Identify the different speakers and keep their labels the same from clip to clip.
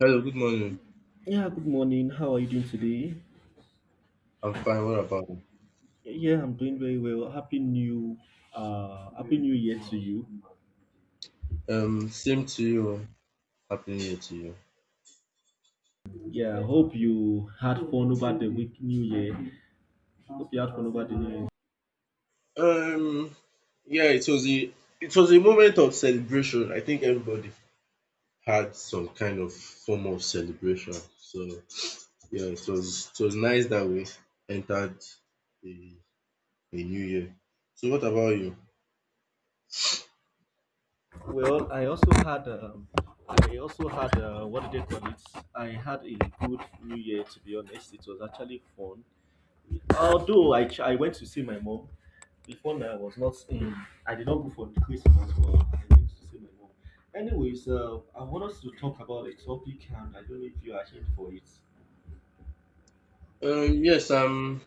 Speaker 1: Hello, good morning.
Speaker 2: Yeah, good morning. How are you doing today?
Speaker 1: I'm fine. What about you?
Speaker 2: Yeah, I'm doing very well. Happy New Year to you.
Speaker 1: Same to you. Happy New Year to you.
Speaker 2: Yeah, hope you had fun over the week New Year. Hope you had fun over the New Year.
Speaker 1: Um, yeah, it was a moment of celebration. I think everybody had some kind of form of celebration. So yeah, it was nice that we entered a, a new year. So what about you?
Speaker 2: Well, I also had what do they call it? I had a good New Year to be honest. It was actually fun. Although I went to see my mom before now, I was not in. I did not go for the Christmas, but I went to see my mom. Anyways, I want us to talk about a topic, and I don't know if you are here for it.
Speaker 1: Yes, I'm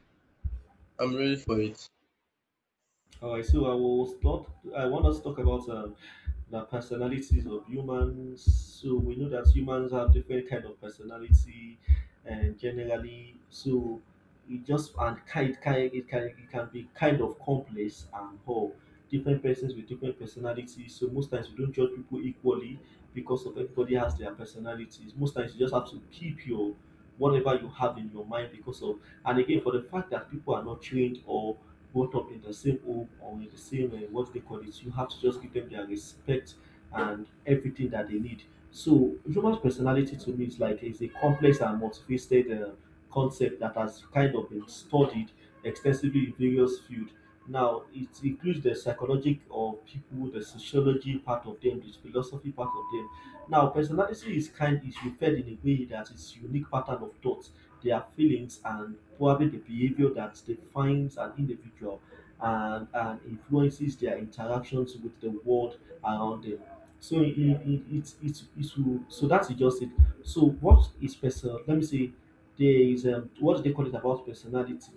Speaker 1: I'm ready for it.
Speaker 2: All right, so I will start. I want us to talk about the personalities of humans. So we know that humans have different kind of personality, and generally, so it just and kind it can be kind of complex and whole. Different persons with different personalities. So most times we don't judge people equally because of everybody has their personalities. Most times you just have to keep your whatever you have in your mind because of and again for the fact that people are not trained or brought up in the same home or in the same what they call it, you have to just give them their respect and everything that they need. So human personality to me is like is a complex and multifaceted concept that has kind of been studied extensively in various fields. Now it includes the psychology of people, the sociology part of them, the philosophy part of them. Now personality is kind is referred in a way that is unique pattern of thought, their feelings and probably the behavior that defines an individual and influences their interactions with the world around them. So it will, so that's just it. So what is person? Let me say there is what do they call it about personality?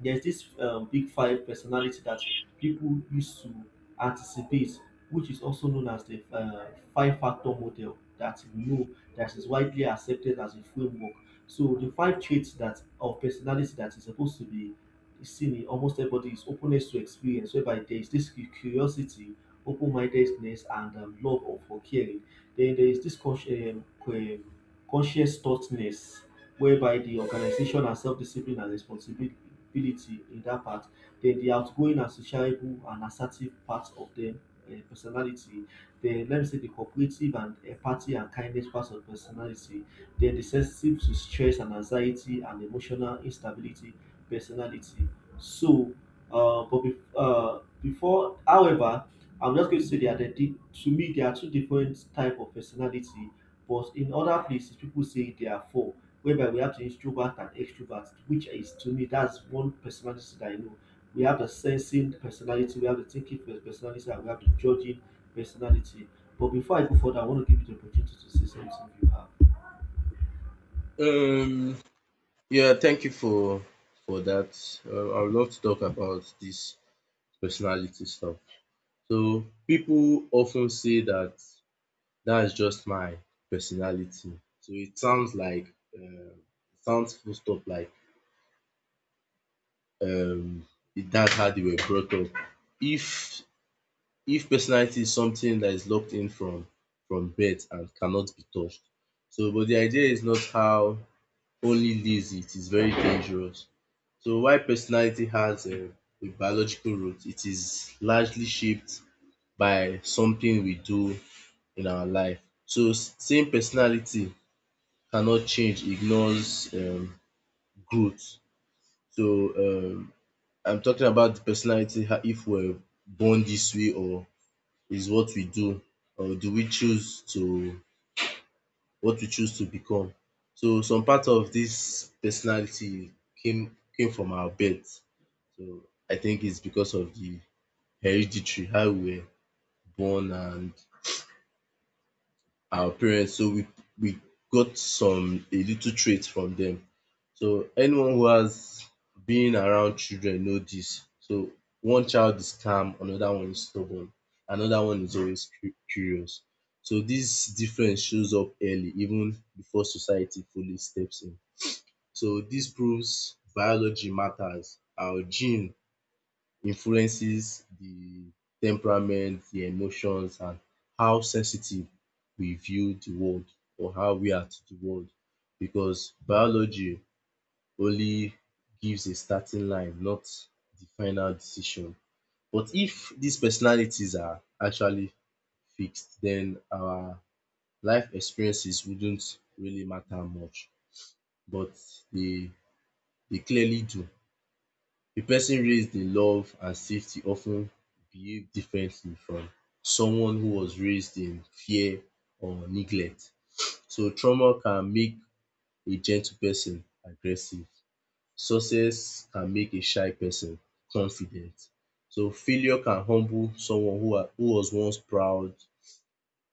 Speaker 2: There's this big five personality that people used to anticipate, which is also known as the five factor model that we know that is widely accepted as a framework. So the five traits that of personality that is supposed to be seen in almost everybody is openness to experience, whereby there is this curiosity, open-mindedness, and love of for caring. Then there is this conscious thoughtness whereby the organization has self-discipline and responsibility in that part. Then the outgoing and sociable and assertive parts of them personality. Then let me say the cooperative and empathy and kindness parts of personality. Then the sensitive to stress and anxiety and emotional instability personality. So before however I'm just going to say that there are to me there are two different type of personality, but in other places people say there are four, whereby we have to introvert and extrovert, which is to me that's one personality that I know. We have the sensing personality, we have the thinking personality, and we have the judging personality. But before I go further, I want to give you the opportunity to say something you have.
Speaker 1: Um, yeah, thank you for that. I would love to talk about this personality stuff. So people often say that that's just my personality. So it sounds like it sounds full stop like um that's how they were brought up. If if personality is something that is locked in from birth and cannot be touched. So but the idea is not how only lives it is very dangerous. So why personality has a biological root, it is largely shaped by something we do in our life. So same personality cannot change, ignores growth. So um I'm talking about the personality if we're born this way or is what we do or do we choose to what we choose to become. So some part of this personality came from our birth. So I think it's because of the hereditary, how we were born and our parents so we got some a little trait from them. So anyone who has been around children know this. So one child is calm, another one is stubborn, another one is always curious. So this difference shows up early even before society fully steps in. So this proves biology matters. Our gene influences the temperament, the emotions, and how sensitive we view the world or how we are to the world because biology only gives a starting line, not the final decision. But if these personalities are actually fixed, then our life experiences wouldn't really matter much, but they they clearly do. A person raised in love and safety often ten behaves differently from someone who was raised in fear or neglect. So trauma can make a gentle person aggressive. Success can make a shy person confident. So failure can humble someone who who was once proud.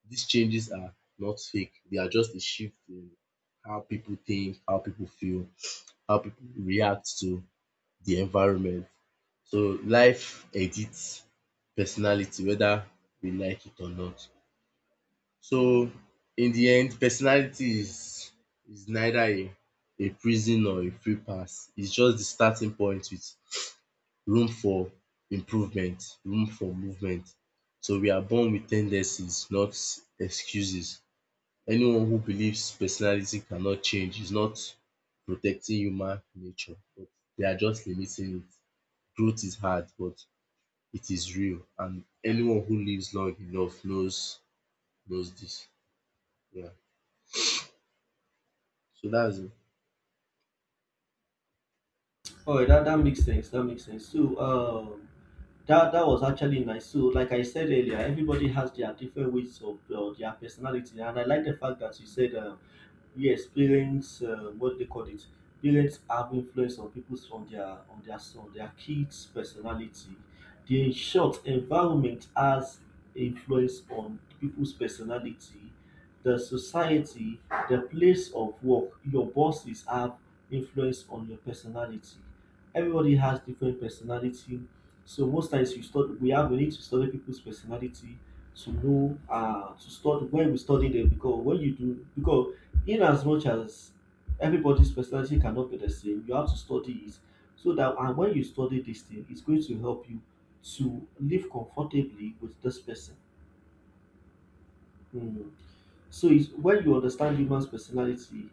Speaker 1: These changes are not fake, they are just a shift in how people think, how people feel, how people react to the environment. So life edits personality whether we like it or not. So in the end personality is neither a prison or a free pass. It's just the starting point with room for improvement, room for movement. So we are born with tendencies, not excuses. Anyone who believes personality cannot change is not protecting human nature but they are just limiting it growth is hard, but it is real, and anyone who lives long enough knows this. Yeah. So that's it.
Speaker 2: All right, that makes sense. That makes sense. So, that that was actually nice. So, like I said earlier, everybody has their different ways of their personality, and I like the fact that you said yes, parents, what they call it, parents have influence on people on their on their kids' personality. The in short environment has influence on people's personality. The society, the place of work, your bosses have influence on your personality. Everybody has different personality, so most times we study, we have we need to study people's personality to know to study when we study them because when you do because in as much as everybody's personality cannot be the same, you have to study it so that and when you study this thing, it's going to help you to live comfortably with this person. Hmm. So it's when you understand human's personality,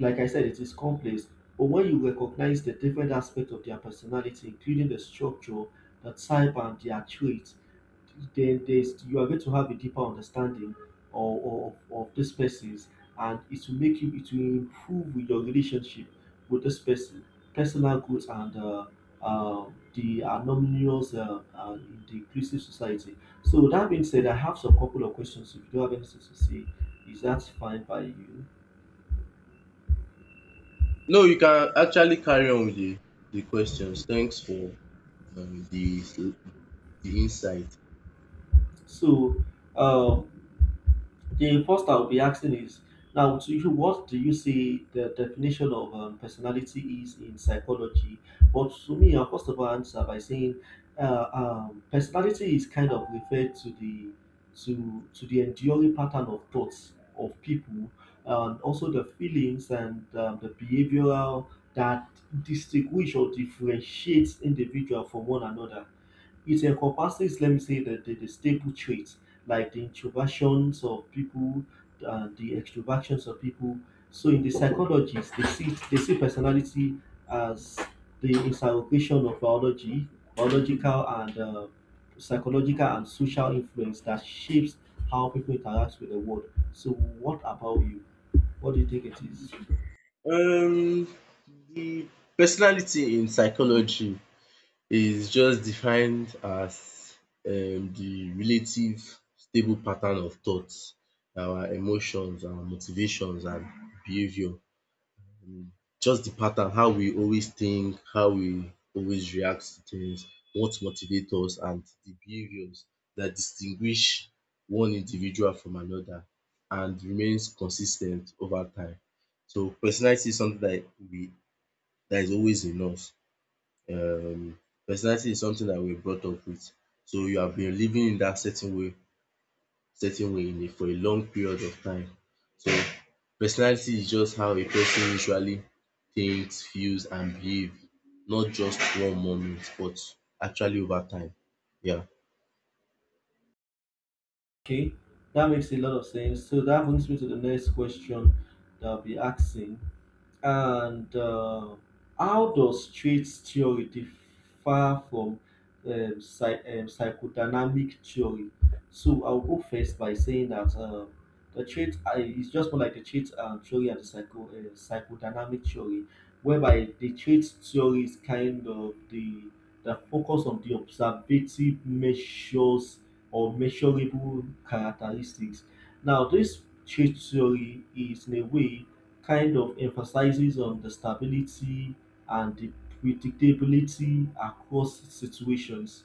Speaker 2: like I said, it is complex. But when you recognize the different aspects of their personality, including the structure, the type, and their traits, then there's you are going to have a deeper understanding of, this person's and it will make you it will improve with your relationship with this person, personal growth and uh, the anonymous in the inclusive society. So that being said, I have some couple of questions. If you don't have anything to say, is that fine by you?
Speaker 1: No, you can actually carry on with the questions. Thanks for um, the the insight.
Speaker 2: So um the first I'll be asking is now to you, what do you say the definition of personality is in psychology? But to me, I'll first of all answer by saying personality is kind of referred to the to the enduring pattern of thoughts of people and also the feelings and the behavioral that distinguish or differentiates individual from one another. It encompasses, let me say, the, the stable traits like the introversions of people and the extroversions of people. So in the psychologies, they see personality as the interrogation of biology, biological and psychological and social influence that shapes how people interact with the world. So what about you? What do you think it is?
Speaker 1: Um, the personality in psychology is just defined as the relative stable pattern of thoughts, our emotions, our motivations, and behavior just the pattern, how we always think, how we always react to things, what motivates us, and the behaviors that distinguish one individual from another and remains consistent over time. So personality is something that we that is always in us. Um, Personality is something that we're brought up with. So you have been living in that certain way for a long period of time. So personality is just how a person usually thinks, feels and behave not just one moment but actually over time. Yeah.
Speaker 2: Okay, that makes a lot of sense. So that brings me to the next question that I'll be asking. And how does traits theory differ from psychodynamic theory? So I'll go first by saying that the trait is just more like the trait theory and the psychodynamic theory, whereby the trait theory is kind of the focus on the observative measures or measurable characteristics. Now, this change theory is, in a way, kind of emphasizes on the stability and the predictability across situations.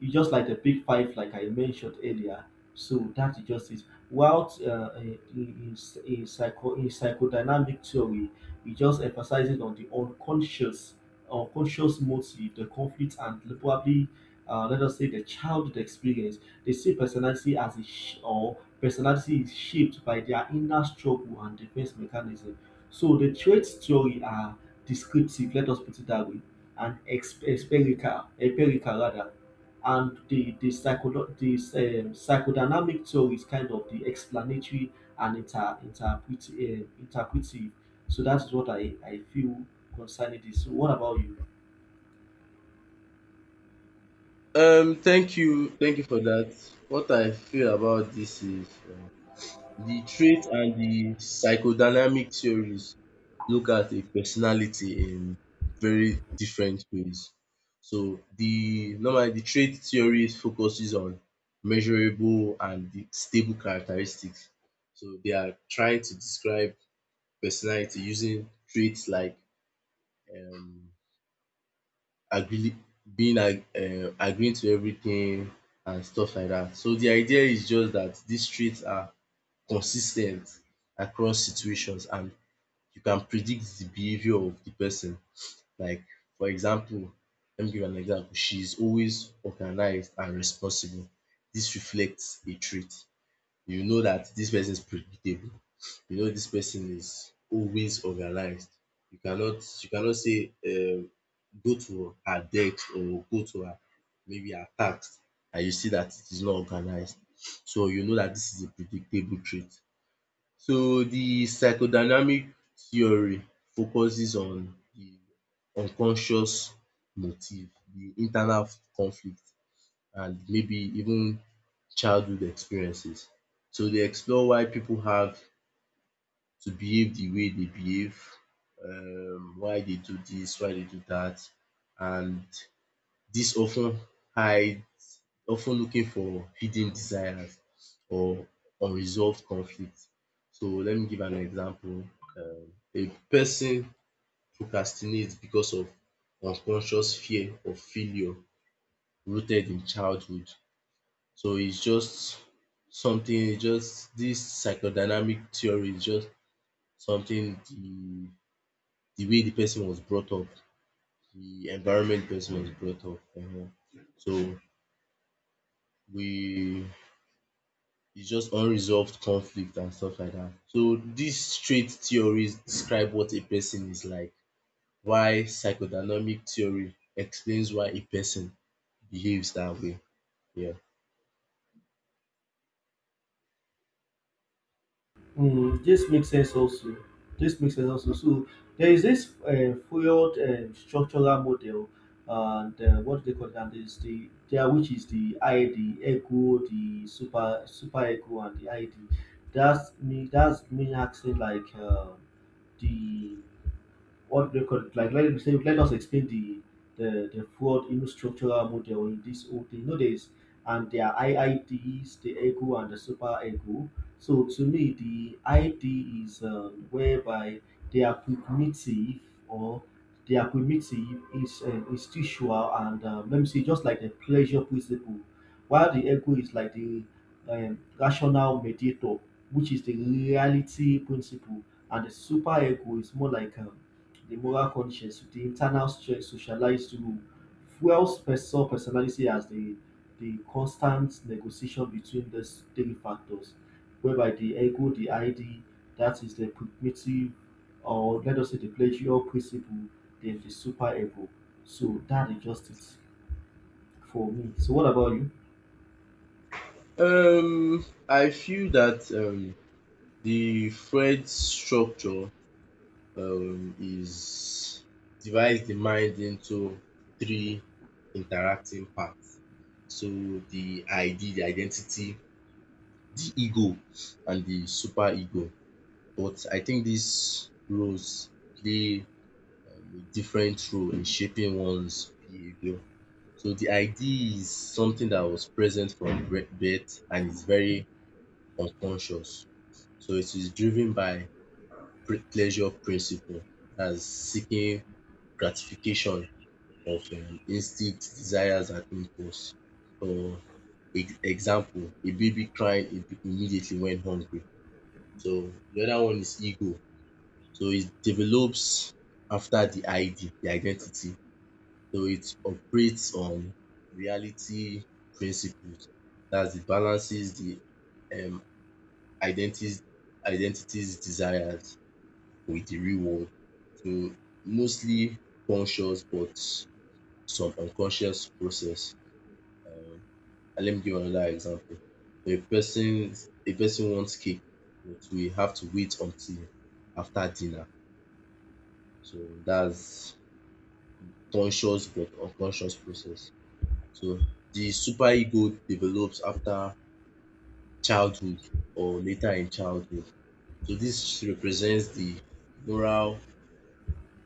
Speaker 2: It's just like the big five, like I mentioned earlier. So that is just it. While in psychodynamic theory, it just emphasizes on the unconscious, unconscious motive, the conflict, and probably, let us say, the childhood experience. They see personality as a sh- or personality is shaped by their inner struggle and defense mechanism. So the traits theory are descriptive, let us put it that way, and empirical, empirical rather, and the psychodynamic theory is kind of the explanatory and interpretive. So that's what I feel concerning this. So what about you?
Speaker 1: Thank you, thank you for dat. What I feel about dis is the trait and the psychodynamic theories look at a personality in very different ways. So the normally the trait theory focuses on measurable and the stable characteristics. So they are trying to describe personality using traits like um agree being ag agreeing to everything and stuff like that. So the idea is just that these traits are consistent across situations and you can predict the behavior of the person. Like for example, let me give an example, she is always organized and responsible. This reflects a trait. You know that this person is predictable, you know this person is always organized. You cannot say go to her desk or go to her maybe her task and you see that it is not organized. So you know that this is a predictable trait. So the psychodynamic theory focuses on the unconscious motive, the internal conflict and maybe even childhood experiences. So they explore why people have to behave the way they behave, why they do this, why they do that, and this often hide often looking for hidden desires or unresolved conflict. So let me give an example. A person procrastinates because of unconscious fear of failure rooted in childhood. So it's just something, it's just this psychodynamic theory is just something the way the person was brought up, the environment the person was brought up. So we it's just unresolved conflict and stuff like that. So these trait theories describe what a person is like, why psychodynamic theory explains why a person behaves that way. Yeah.
Speaker 2: Mm, this makes sense also. This makes sense also. So there is this failed structural model, and what do they call it? And is the there which is the ID, the ego, the super ego, and the ID. That's me. That's me acting like the what they call it, like let, say, let us explain the the fraud in structural model in this whole thing. You know, there's and there are IIDs, the ego and the super ego. So to me, the ID is whereby they are cognitive or they are primitive, is instinctual, and let me say just like the pleasure principle, while the ego is like the rational mediator, which is the reality principle, and the super ego is more like the moral conscience, the internal strength socialized rule, fuels person personality as the constant negotiation between these three factors, whereby the ego, the ID, that is the primitive, or let us say the pleasure principle, then the super ego. So that is just it for me. So what about you?
Speaker 1: I feel that the Freud structure is divides the mind into three interacting parts. So the ID, the identity, the ego and the super ego. But I think these roles play a different role in shaping one's behavior. So the idea is something that was present from birth and is very unconscious. So it is driven by pleasure principle as seeking gratification of instincts, desires, and impulse. So example, a baby crying immediately when hungry. So the other one is ego. So it develops after the ID, the identity. So it operates on reality principles. That's it balances the um identities identities desires with the real world. So mostly conscious but some unconscious process. Um and let me give another example. A person a person wants cake but we have to wait until after dinner. So that's conscious but unconscious process. So the super ego develops after childhood or later in childhood. So this represents moral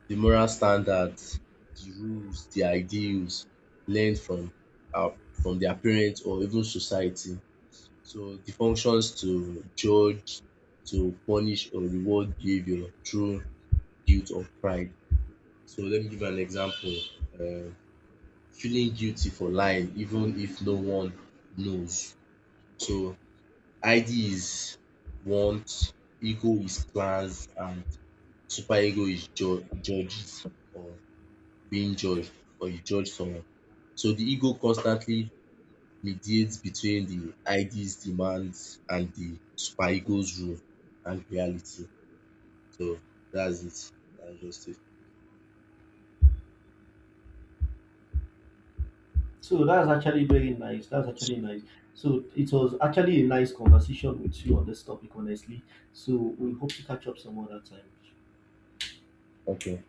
Speaker 1: the moral standards, the rules, the ideals learned from our from their parents or even society. So the functions to judge, to punish or reward behavior through guilt or pride. So let me give an example. Um Feeling guilty for lying even if no one knows. So id is want, ego is plans, and superego is judges or being judged or you judge someone. So the ego constantly mediates between the id's demands and the superego's rule and reality. So that's it. That's just it.
Speaker 2: So that's actually very nice. That's actually nice. So it was actually a nice conversation with you on this topic, honestly. So we hope to catch up some other time.
Speaker 1: Okay.